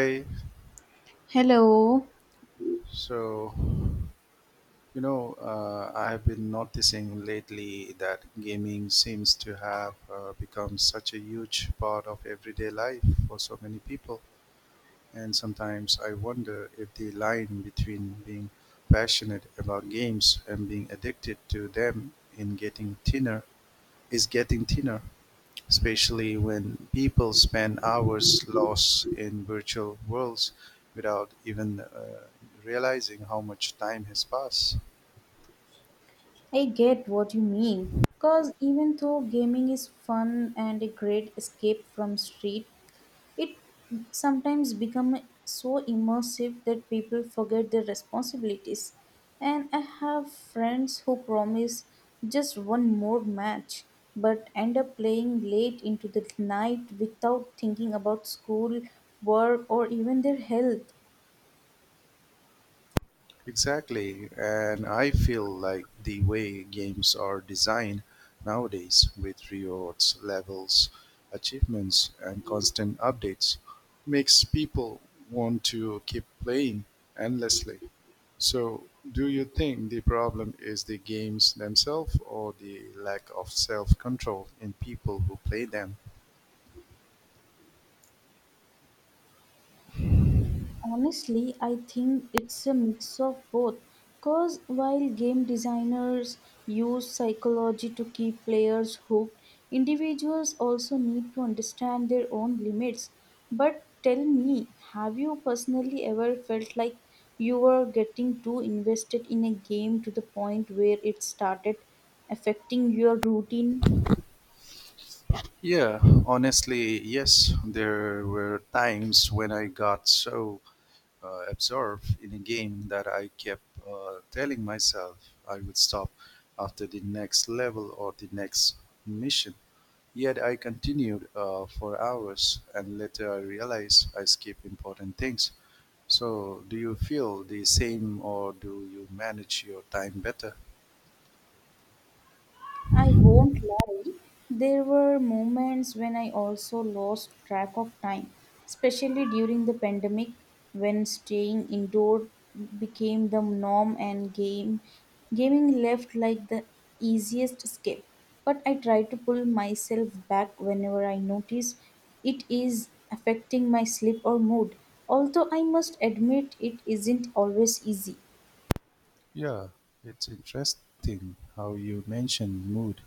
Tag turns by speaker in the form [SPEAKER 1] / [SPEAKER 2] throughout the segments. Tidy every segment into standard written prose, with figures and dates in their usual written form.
[SPEAKER 1] Hey,
[SPEAKER 2] Hello.
[SPEAKER 1] so I've been noticing lately that gaming seems to have become such a huge part of everyday life for so many people, and sometimes I wonder if the line between being passionate about games and being addicted to them in getting thinner is getting thinner, especially when people spend hours lost in virtual worlds without even realizing how much time has passed.
[SPEAKER 2] I get what you mean. Because even though gaming is fun and a great escape from street, it sometimes becomes so immersive that people forget their responsibilities. And I have friends who promise just one more match but end up playing late into the night without thinking about school, work, or even their health.
[SPEAKER 1] Exactly, and I feel like the way games are designed nowadays with rewards, levels, achievements, and constant updates makes people want to keep playing endlessly. So, do you think the problem is the games themselves or the lack of self control in people who play them?
[SPEAKER 2] Honestly, I think it's a mix of both. Because while game designers use psychology to keep players hooked, individuals also need to understand their own limits. But tell me, have you personally ever felt like you were getting too invested in a game to the point where it started affecting your routine?
[SPEAKER 1] Yeah, honestly, yes. There were times when I got so observed in a game that I kept telling myself I would stop after the next level or the next mission. Yet I continued for hours, and later I realized I skipped important things. So, do you feel the same, or do you manage your time better?
[SPEAKER 2] I won't lie, there were moments when I also lost track of time, especially during the pandemic when staying indoor became the norm and game gaming left like the easiest escape. But I try to pull myself back whenever I notice it is affecting my sleep or mood. Although I must admit it isn't always easy.
[SPEAKER 1] Yeah, it's interesting how you mentioned mood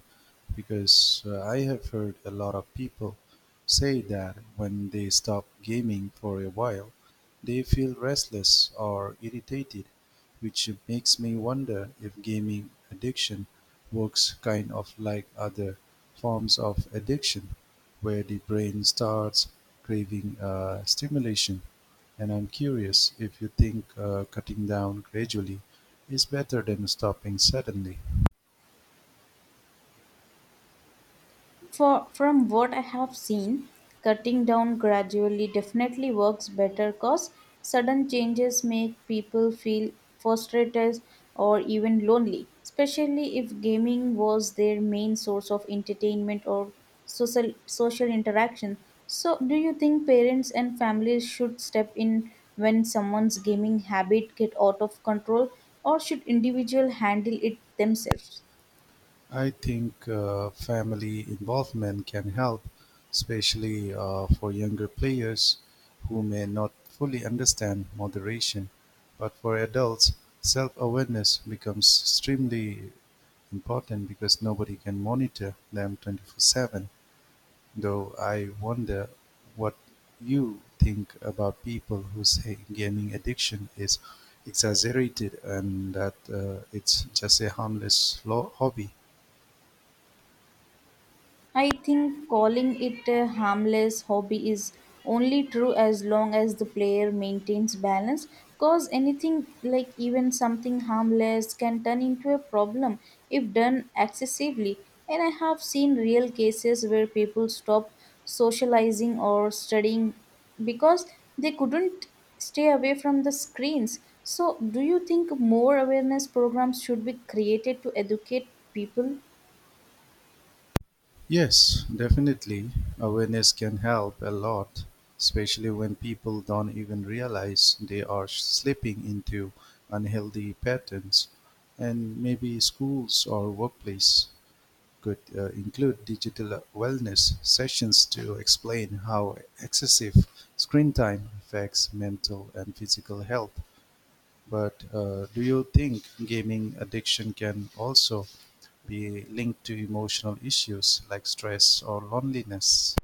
[SPEAKER 1] because I have heard a lot of people say that when they stop gaming for a while, they feel restless or irritated, which makes me wonder if gaming addiction works kind of like other forms of addiction, where the brain starts craving stimulation. And I'm curious if you think cutting down gradually is better than stopping suddenly.
[SPEAKER 2] From what I have seen, cutting down gradually definitely works better because sudden changes make people feel frustrated or even lonely, especially if gaming was their main source of entertainment or social interaction. So, do you think parents and families should step in when someone's gaming habit get out of control, or should individual handle it themselves?
[SPEAKER 1] I think family involvement can help, especially for younger players who may not fully understand moderation. But for adults, self awareness becomes extremely important because nobody can monitor them 24/7. Though I wonder what you think about people who say gaming addiction is exaggerated and that it's just a harmless hobby.
[SPEAKER 2] I think calling it a harmless hobby is only true as long as the player maintains balance cause anything like even something harmless can turn into a problem if done excessively and I have seen real cases where people stop socializing or studying because they couldn't stay away from the screens so do you think more awareness programs should be created to educate people.
[SPEAKER 1] Yes, definitely. Awareness can help a lot, especially when people don't even realize they are slipping into unhealthy patterns, and maybe schools or workplace could include digital wellness sessions to explain how excessive screen time affects mental and physical health. But do you think gaming addiction can also be linked to emotional issues like stress or loneliness?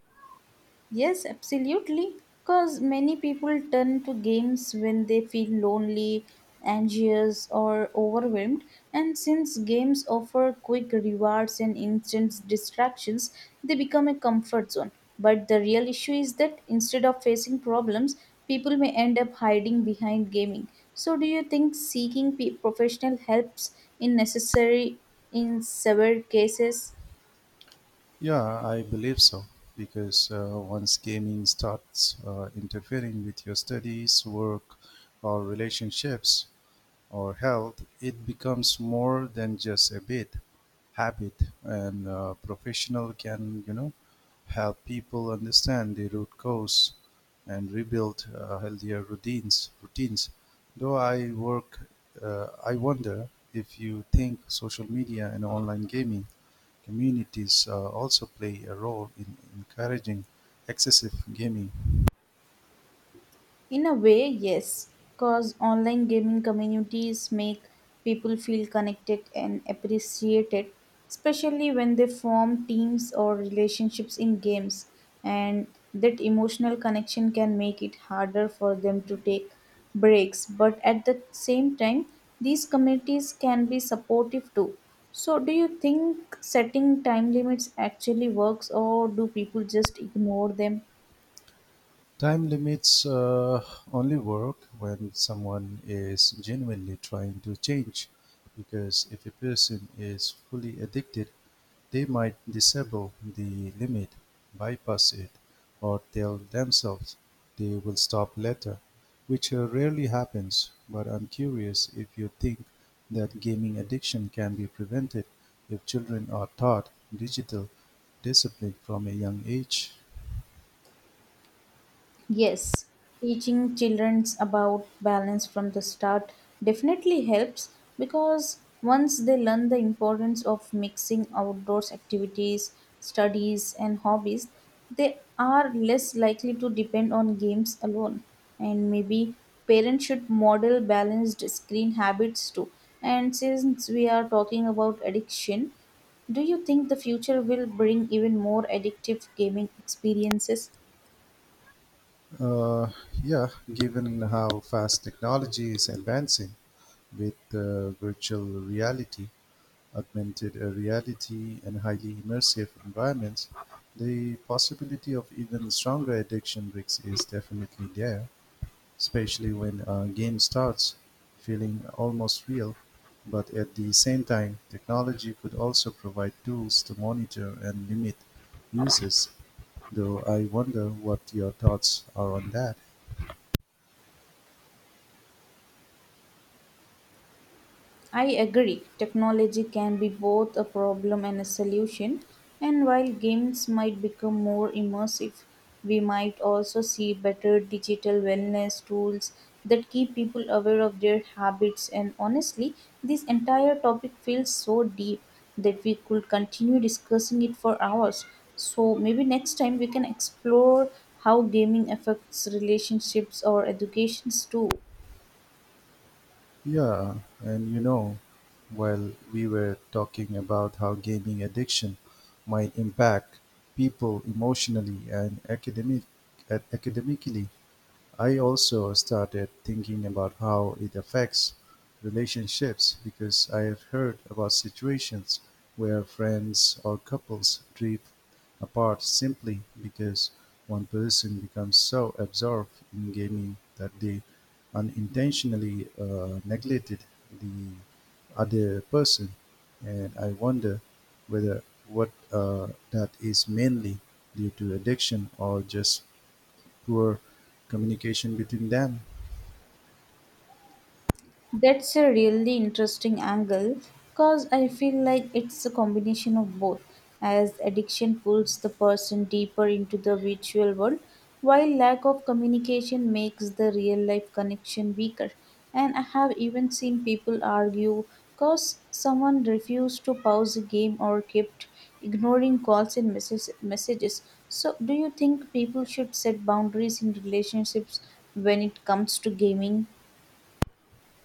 [SPEAKER 2] Yes, absolutely. Because many people turn to games when they feel lonely, anxious, or overwhelmed. And since games offer quick rewards and instant distractions, they become a comfort zone. But the real issue is that instead of facing problems, people may end up hiding behind gaming. So, do you think seeking professional helps in necessary in severe cases?
[SPEAKER 1] Yeah, I believe so. Because once gaming starts interfering with your studies, work, or relationships, or health, it becomes more than just a bit habit, and a professional can, you know, help people understand the root cause and rebuild healthier routines. Routines. Though I work, I wonder if you think social media and online gaming communities also play a role in encouraging excessive gaming.
[SPEAKER 2] In a way, yes, because online gaming communities make people feel connected and appreciated, especially when they form teams or relationships in games, and that emotional connection can make it harder for them to take breaks. But at the same time, these communities can be supportive too. So, do you think setting time limits actually works, or do people just ignore them?
[SPEAKER 1] Time limits only work when someone is genuinely trying to change, because if a person is fully addicted, they might disable the limit, bypass it, or tell themselves they will stop later, which rarely happens. But I'm curious if you think that gaming addiction can be prevented if children are taught digital discipline from a young age.
[SPEAKER 2] Yes, teaching children about balance from the start definitely helps because once they learn the importance of mixing outdoors activities, studies, and hobbies, they are less likely to depend on games alone. And maybe parents should model balanced screen habits too. And since we are talking about addiction, do you think the future will bring even more addictive gaming experiences?
[SPEAKER 1] Uh, yeah, given how fast technology is advancing with virtual reality, augmented reality, and highly immersive environments, the possibility of even stronger addiction risks is definitely there, especially when a game starts feeling almost real. But at the same time, technology could also provide tools to monitor and limit uses, though I wonder what your thoughts are on that.
[SPEAKER 2] I agree, technology can be both a problem and a solution, and while games might become more immersive, we might also see better digital wellness tools that keep people aware of their habits. And honestly, this entire topic feels so deep that we could continue discussing it for hours. So maybe next time we can explore how gaming affects relationships or educations too.
[SPEAKER 1] Yeah, and you know, while we were talking about how gaming addiction might impact people emotionally and academically, I also started thinking about how it affects relationships because I've heard about situations where friends or couples drift apart simply because one person becomes so absorbed in gaming that they unintentionally neglected the other person. And I wonder whether what that is mainly due to addiction or just poor communication between them.
[SPEAKER 2] That's a really interesting angle because I feel like it's a combination of both, as addiction pulls the person deeper into the virtual world, while lack of communication makes the real life connection weaker. And I have even seen people argue because someone refused to pause a game or kept ignoring calls and messages. So, do you think people should set boundaries in relationships when it comes to gaming?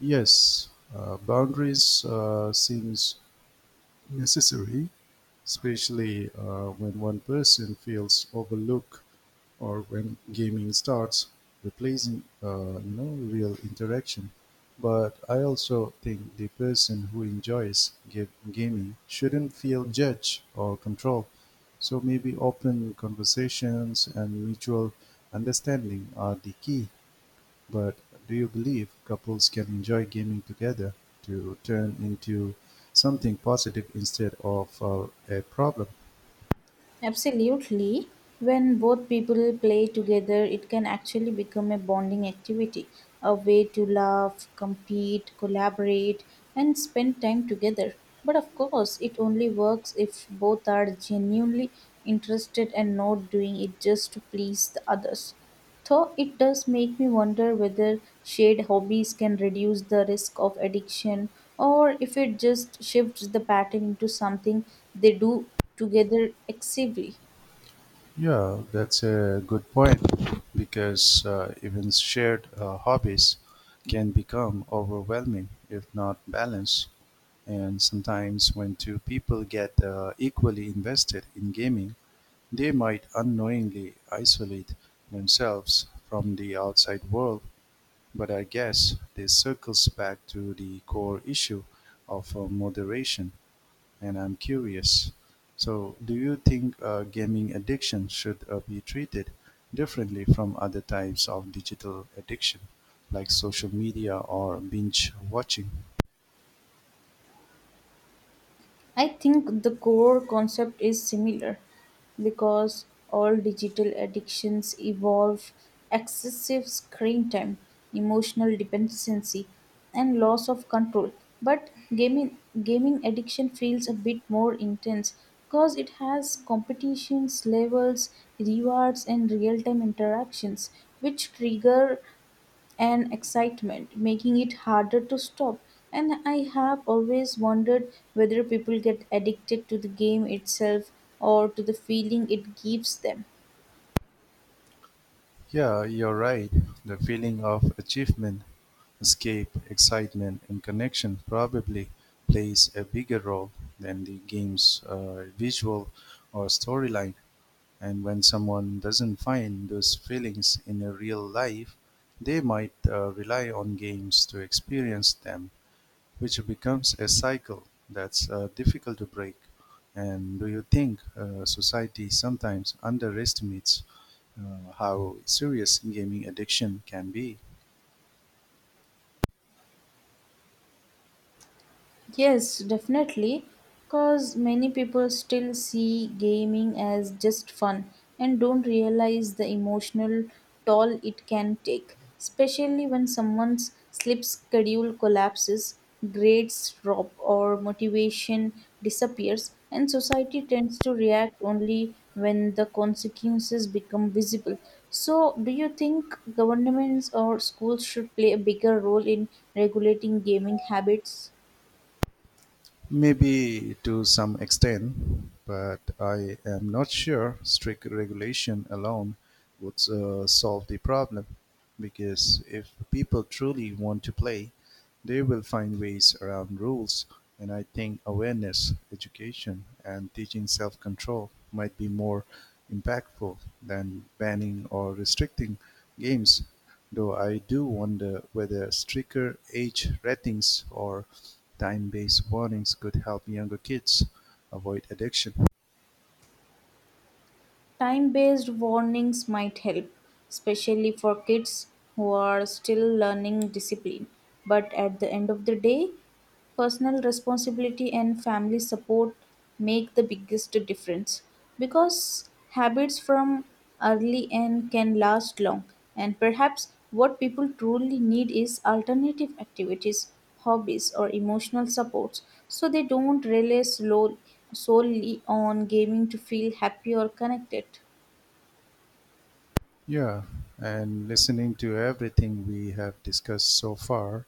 [SPEAKER 1] Yes, boundaries seems necessary, especially when one person feels overlooked or when gaming starts replacing, you know, real interaction. But I also think the person who enjoys gaming shouldn't feel judged or controlled. So maybe open conversations and mutual understanding are the key. But do you believe couples can enjoy gaming together to turn into something positive instead of a problem?
[SPEAKER 2] Absolutely. When both people play together, it can actually become a bonding activity, a way to laugh, compete, collaborate, and spend time together. But of course, it only works if both are genuinely interested and not doing it just to please the others. So it does make me wonder whether shared hobbies can reduce the risk of addiction or if it just shifts the pattern into something they do together excessively.
[SPEAKER 1] Yeah, that's a good point because even shared hobbies can become overwhelming if not balanced. And sometimes, when two people get equally invested in gaming, they might unknowingly isolate themselves from the outside world. But I guess this circles back to the core issue of moderation, and I'm curious. So, do you think gaming addiction should be treated differently from other types of digital addiction, like social media or binge watching?
[SPEAKER 2] I think the core concept is similar because all digital addictions evolve excessive screen time, emotional dependency, and loss of control. But gaming addiction feels a bit more intense because it has competitions, levels, rewards, and real time interactions, which trigger and excitement, making it harder to stop. And I have always wondered whether people get addicted to the game itself or to the feeling it gives them.
[SPEAKER 1] Yeah, you're right. The feeling of achievement, escape, excitement, and connection probably plays a bigger role than the game's visual or storyline. And when someone doesn't find those feelings in a real life, they might rely on games to experience them, which becomes a cycle that's difficult to break. And do you think society sometimes underestimates how serious gaming addiction can be?
[SPEAKER 2] Yes, definitely. Because many people still see gaming as just fun and don't realize the emotional toll it can take, especially when someone's sleep schedule collapses, grades drop, or motivation disappears, and society tends to react only when the consequences become visible. So, do you think governments or schools should play a bigger role in regulating gaming habits?
[SPEAKER 1] Maybe to some extent, but I am not sure strict regulation alone would solve the problem because if people truly want to play, they will find ways around rules. And I think awareness, education, and teaching self control might be more impactful than banning or restricting games. Though I do wonder whether stricter age ratings or time-based warnings could help younger kids avoid addiction.
[SPEAKER 2] Time based warnings might help, especially for kids who are still learning discipline. But at the end of the day, personal responsibility and family support make the biggest difference because habits from early and can last long. And perhaps what people truly need is alternative activities, hobbies, or emotional supports so they don't rely solely on gaming to feel happy or connected.
[SPEAKER 1] Yeah, and listening to everything we have discussed so far,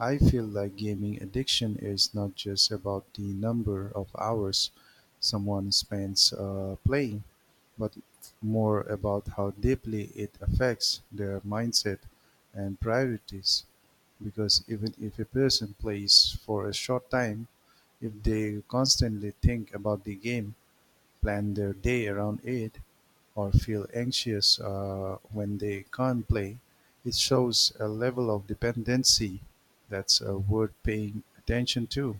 [SPEAKER 1] I feel like gaming addiction is not just about the number of hours someone spends playing, but more about how deeply it affects their mindset and priorities. Because even if a person plays for a short time, if they constantly think about the game, plan their day around it or feel anxious when they can't play, it shows a level of dependency that's worth paying attention to.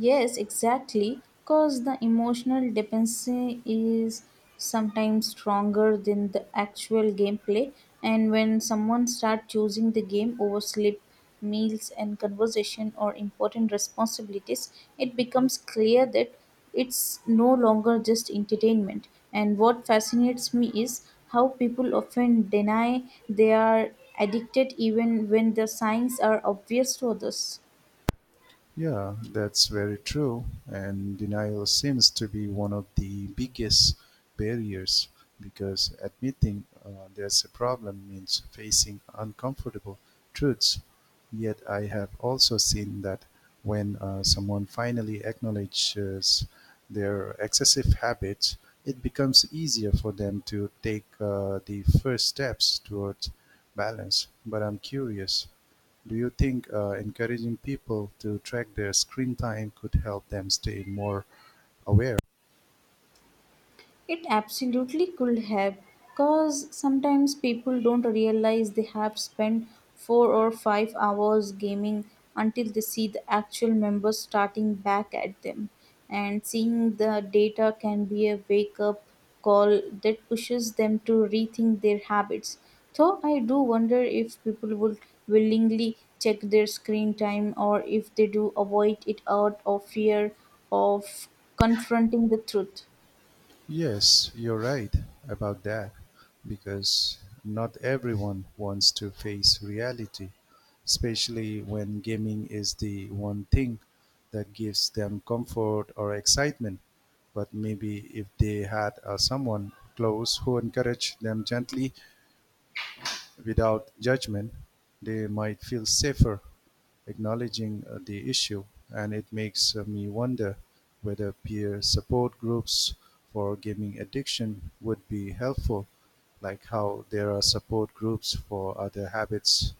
[SPEAKER 2] Yes, exactly. Because the emotional dependency is sometimes stronger than the actual gameplay. And when someone starts choosing the game over sleep, meals, and conversation or important responsibilities, it becomes clear that it's no longer just entertainment. And what fascinates me is how people often deny they are addicted even when the signs are obvious to others.
[SPEAKER 1] Yeah, that's very true. And denial seems to be one of the biggest barriers because admitting there's a problem means facing uncomfortable truths. Yet I have also seen that when someone finally acknowledges their excessive habits, it becomes easier for them to take the first steps towards balance. But I'm curious, do you think encouraging people to track their screen time could help them stay more aware?
[SPEAKER 2] It absolutely could have, cause sometimes people don't realize they have spent 4 or 5 hours gaming until they see the actual members starting back at them. And seeing the data can be a wake up call that pushes them to rethink their habits. Though I do wonder if people would willingly check their screen time or if they do avoid it out of fear of confronting the truth.
[SPEAKER 1] Yes, you're right about that because not everyone wants to face reality, especially when gaming is the one thing that gives them comfort or excitement. But maybe if they had someone close who encouraged them gently without judgment, they might feel safer acknowledging the issue, and it makes me wonder whether peer support groups for gaming addiction would be helpful, like how there are support groups for other habits.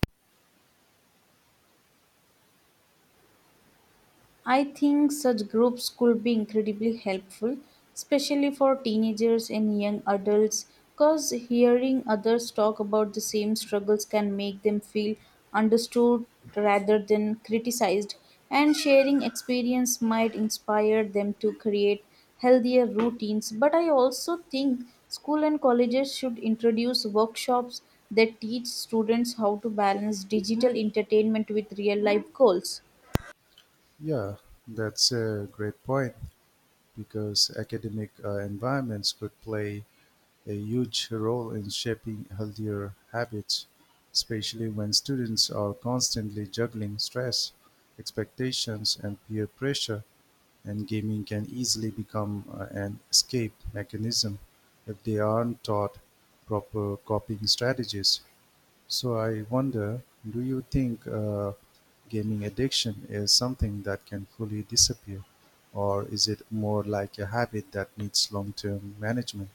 [SPEAKER 2] I think such groups could be incredibly helpful, especially for teenagers and young adults, because hearing others talk about the same struggles can make them feel understood rather than criticized, and sharing experience might inspire them to create healthier routines. But I also think school and colleges should introduce workshops that teach students how to balance digital entertainment with real life goals.
[SPEAKER 1] Yeah, that's a great point because academic environments could play a huge role in shaping healthier habits, especially when students are constantly juggling stress, expectations, and peer pressure, and gaming can easily become an escape mechanism if they aren't taught proper coping strategies. So, I wonder, do you think gaming addiction is something that can fully disappear? Or is it more like a habit that needs long term management?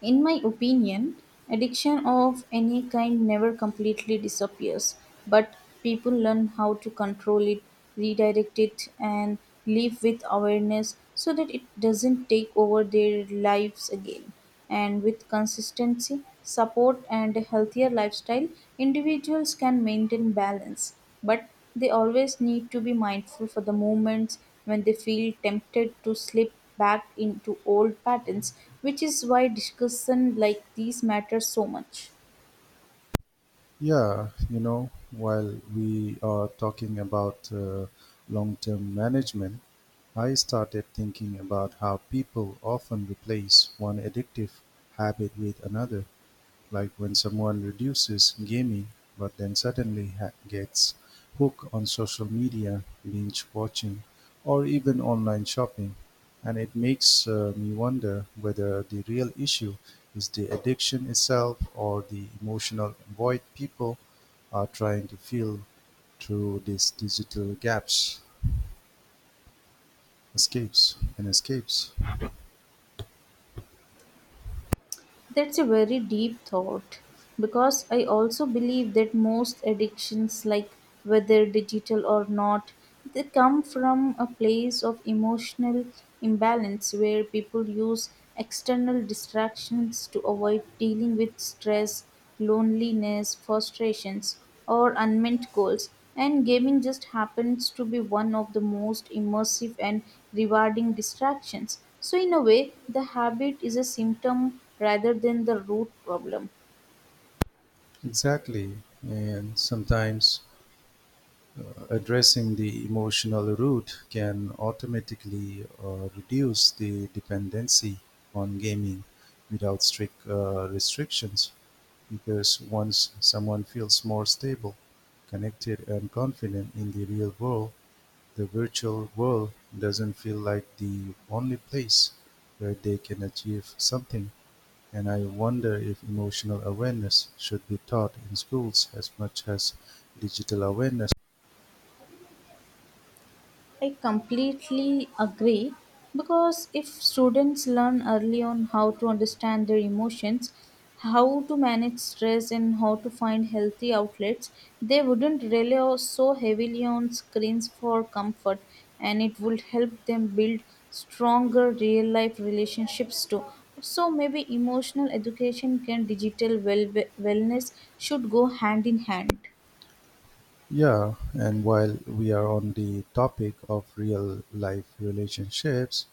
[SPEAKER 2] In my opinion, addiction of any kind never completely disappears, but people learn how to control it, redirect it, and live with awareness so that it doesn't take over their lives again. And with consistency, support, and a healthier lifestyle, individuals can maintain balance, but they always need to be mindful for the moments when they feel tempted to slip back into old patterns, which is why discussion like these matters so much.
[SPEAKER 1] Yeah, you know, while we are talking about long term management, I started thinking about how people often replace one addictive habit with another. Like when someone reduces gaming but then suddenly gets hooked on social media, binge watching, or even online shopping. And it makes me wonder whether the real issue is the addiction itself or the emotional void people are trying to fill through these digital gaps, escapes, and escapes.
[SPEAKER 2] That's a very deep thought because I also believe that most addictions, like whether digital or not, they come from a place of emotional imbalance where people use external distractions to avoid dealing with stress, loneliness, frustrations, or unmet goals. And gaming just happens to be one of the most immersive and rewarding distractions. So, in a way, the habit is a symptom rather than the root problem.
[SPEAKER 1] Exactly. And sometimes addressing the emotional root can automatically reduce the dependency on gaming without strict restrictions because once someone feels more stable, connected, and confident in the real world, the virtual world doesn't feel like the only place where they can achieve something. And I wonder if emotional awareness should be taught in schools as much as digital awareness.
[SPEAKER 2] I completely agree because if students learn early on how to understand their emotions, how to manage stress, and how to find healthy outlets, they wouldn't rely so heavily on screens for comfort and it would help them build stronger real life relationships too. So, maybe emotional education and digital wellness should go hand in hand.
[SPEAKER 1] Yeah, and while we are on the topic of real life relationships,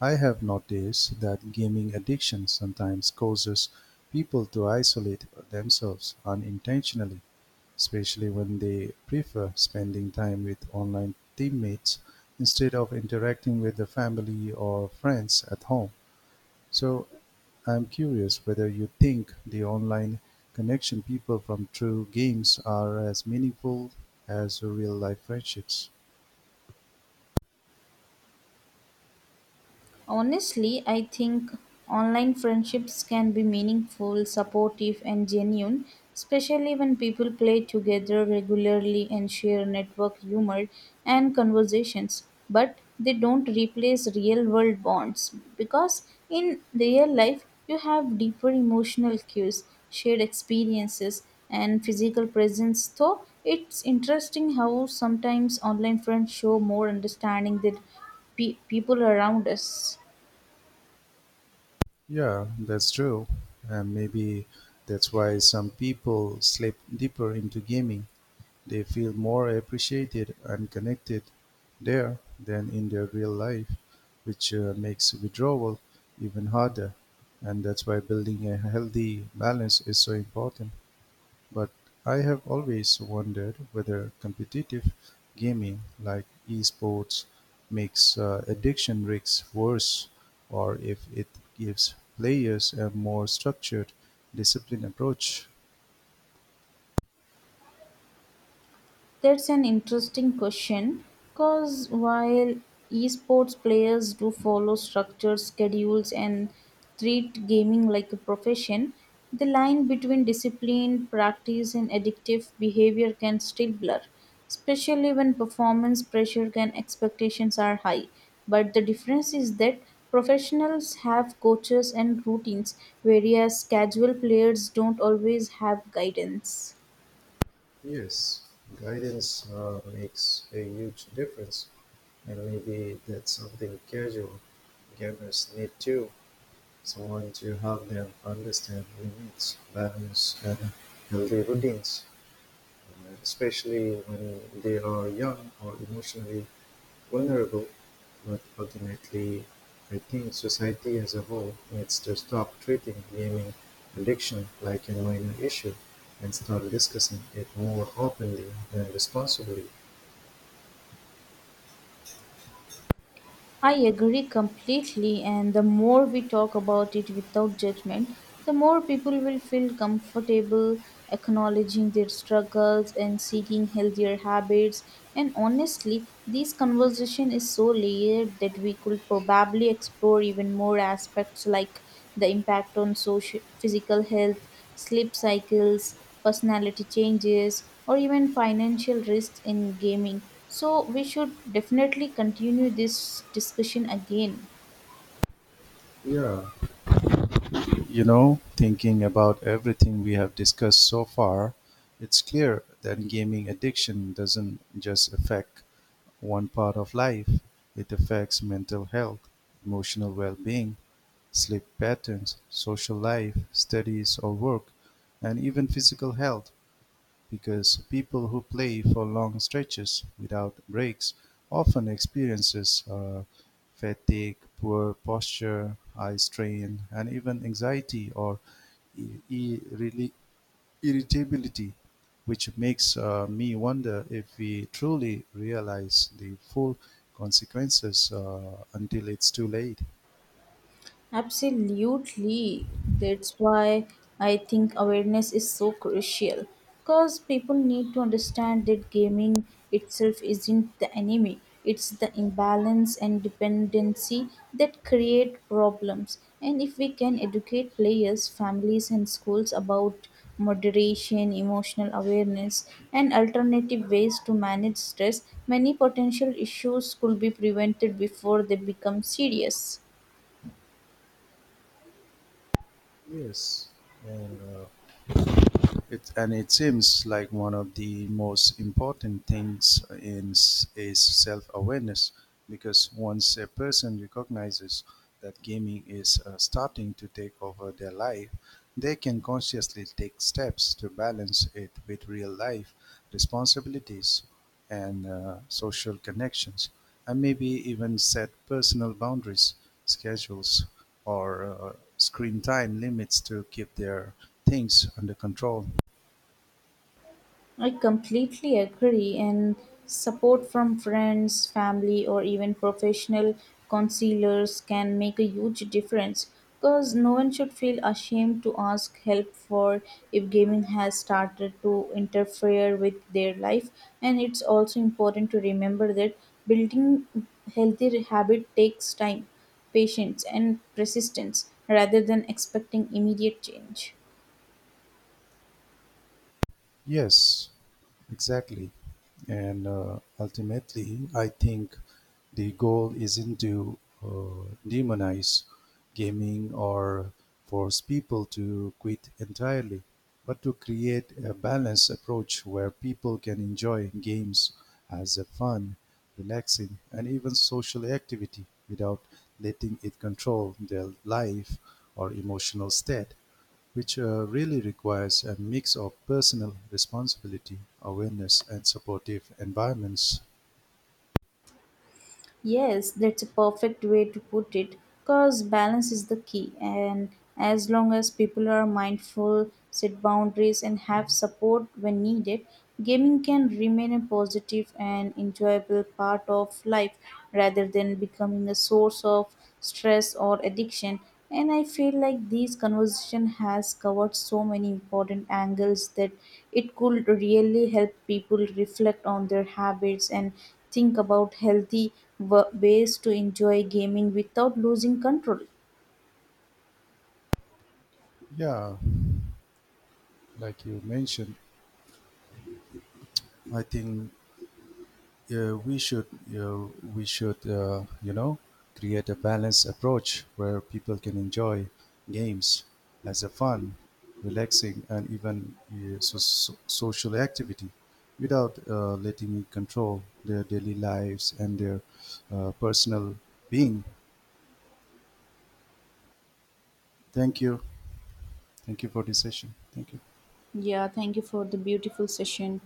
[SPEAKER 1] I have noticed that gaming addiction sometimes causes people to isolate themselves unintentionally, especially when they prefer spending time with online teammates instead of interacting with the family or friends at home. So I'm curious whether you think the online connection people from true games are as meaningful as real life friendships.
[SPEAKER 2] Honestly, I think online friendships can be meaningful, supportive, and genuine, especially when people play together regularly and share network humor and conversations. But they don't replace real world bonds because in real life, you have deeper emotional cues, shared experiences, and physical presence. Though it's interesting how sometimes online friends show more understanding than people around us?
[SPEAKER 1] Yeah, that's true. And maybe that's why some people slip deeper into gaming. They feel more appreciated and connected there than in their real life, which makes withdrawal even harder. And that's why building a healthy balance is so important. But I have always wondered whether competitive gaming like esports makes addiction risks worse or if it gives players a more structured, disciplined approach.
[SPEAKER 2] That's an interesting question because while esports players do follow structured schedules and treat gaming like a profession, the line between discipline, practice, and addictive behavior can still blur, especially when performance pressure and expectations are high. But the difference is that professionals have coaches and routines, whereas casual players don't always have guidance.
[SPEAKER 1] Yes, guidance makes a huge difference, and maybe that's something casual gamers need too. Someone to help them understand limits, balance, and healthy routines, especially when they are young or emotionally vulnerable. But ultimately, I think society as a whole needs to stop treating gaming addiction like a minor issue and start discussing it more openly and responsibly.
[SPEAKER 2] I agree completely, and the more we talk about it without judgment, the more people will feel comfortable acknowledging their struggles and seeking healthier habits. And honestly, this conversation is so layered that we could probably explore even more aspects like the impact on social, physical health, sleep cycles, personality changes, or even financial risks in gaming. So, we should definitely continue this discussion again.
[SPEAKER 1] Yeah, you know, thinking about everything we have discussed so far, it's clear that gaming addiction doesn't just affect one part of life, it affects mental health, emotional well-being, sleep patterns, social life, studies or work, and even physical health because people who play for long stretches without breaks often experiences fatigue, poor posture, eye strain, and even anxiety or i- irreli- irritability, which makes me wonder if we truly realize the full consequences until it's too late.
[SPEAKER 2] Absolutely. That's why I think awareness is so crucial because people need to understand that gaming itself isn't the enemy. It's the imbalance and dependency that create problems. And if we can educate players, families, and schools about moderation, emotional awareness, and alternative ways to manage stress, many potential issues could be prevented before they become serious.
[SPEAKER 1] Yes, and uh, and it seems like one of the most important things is self-awareness because once a person recognizes that gaming is starting to take over their life, they can consciously take steps to balance it with real life responsibilities and social connections, and maybe even set personal boundaries, schedules, or screen time limits to keep their things under control.
[SPEAKER 2] I completely agree, and support from friends, family, or even professional counselors can make a huge difference because no one should feel ashamed to ask help for if gaming has started to interfere with their life and it's also important to remember that building healthy habit takes time patience and persistence rather than expecting immediate change.
[SPEAKER 1] Yes, exactly. And ultimately, I think the goal isn't to demonize gaming or force people to quit entirely, but to create a balanced approach where people can enjoy games as a fun, relaxing, and even social activity without letting it control their life or emotional state, which really requires a mix of personal responsibility, awareness, and supportive environments.
[SPEAKER 2] Yes, that's a perfect way to put it because balance is the key. And as long as people are mindful, set boundaries, and have support when needed, gaming can remain a positive and enjoyable part of life rather than becoming a source of stress or addiction. And I feel like this conversation has covered so many important angles that it could really help people reflect on their habits and think about healthy ways to enjoy gaming without losing control.
[SPEAKER 1] Yeah, like you mentioned, I think uh, we should uh, we should create a balanced approach where people can enjoy games as a fun, relaxing, and even social activity without letting it control their daily lives and their personal being. Thank you. Thank you for this session. Thank you.
[SPEAKER 2] Yeah, thank you for the beautiful session.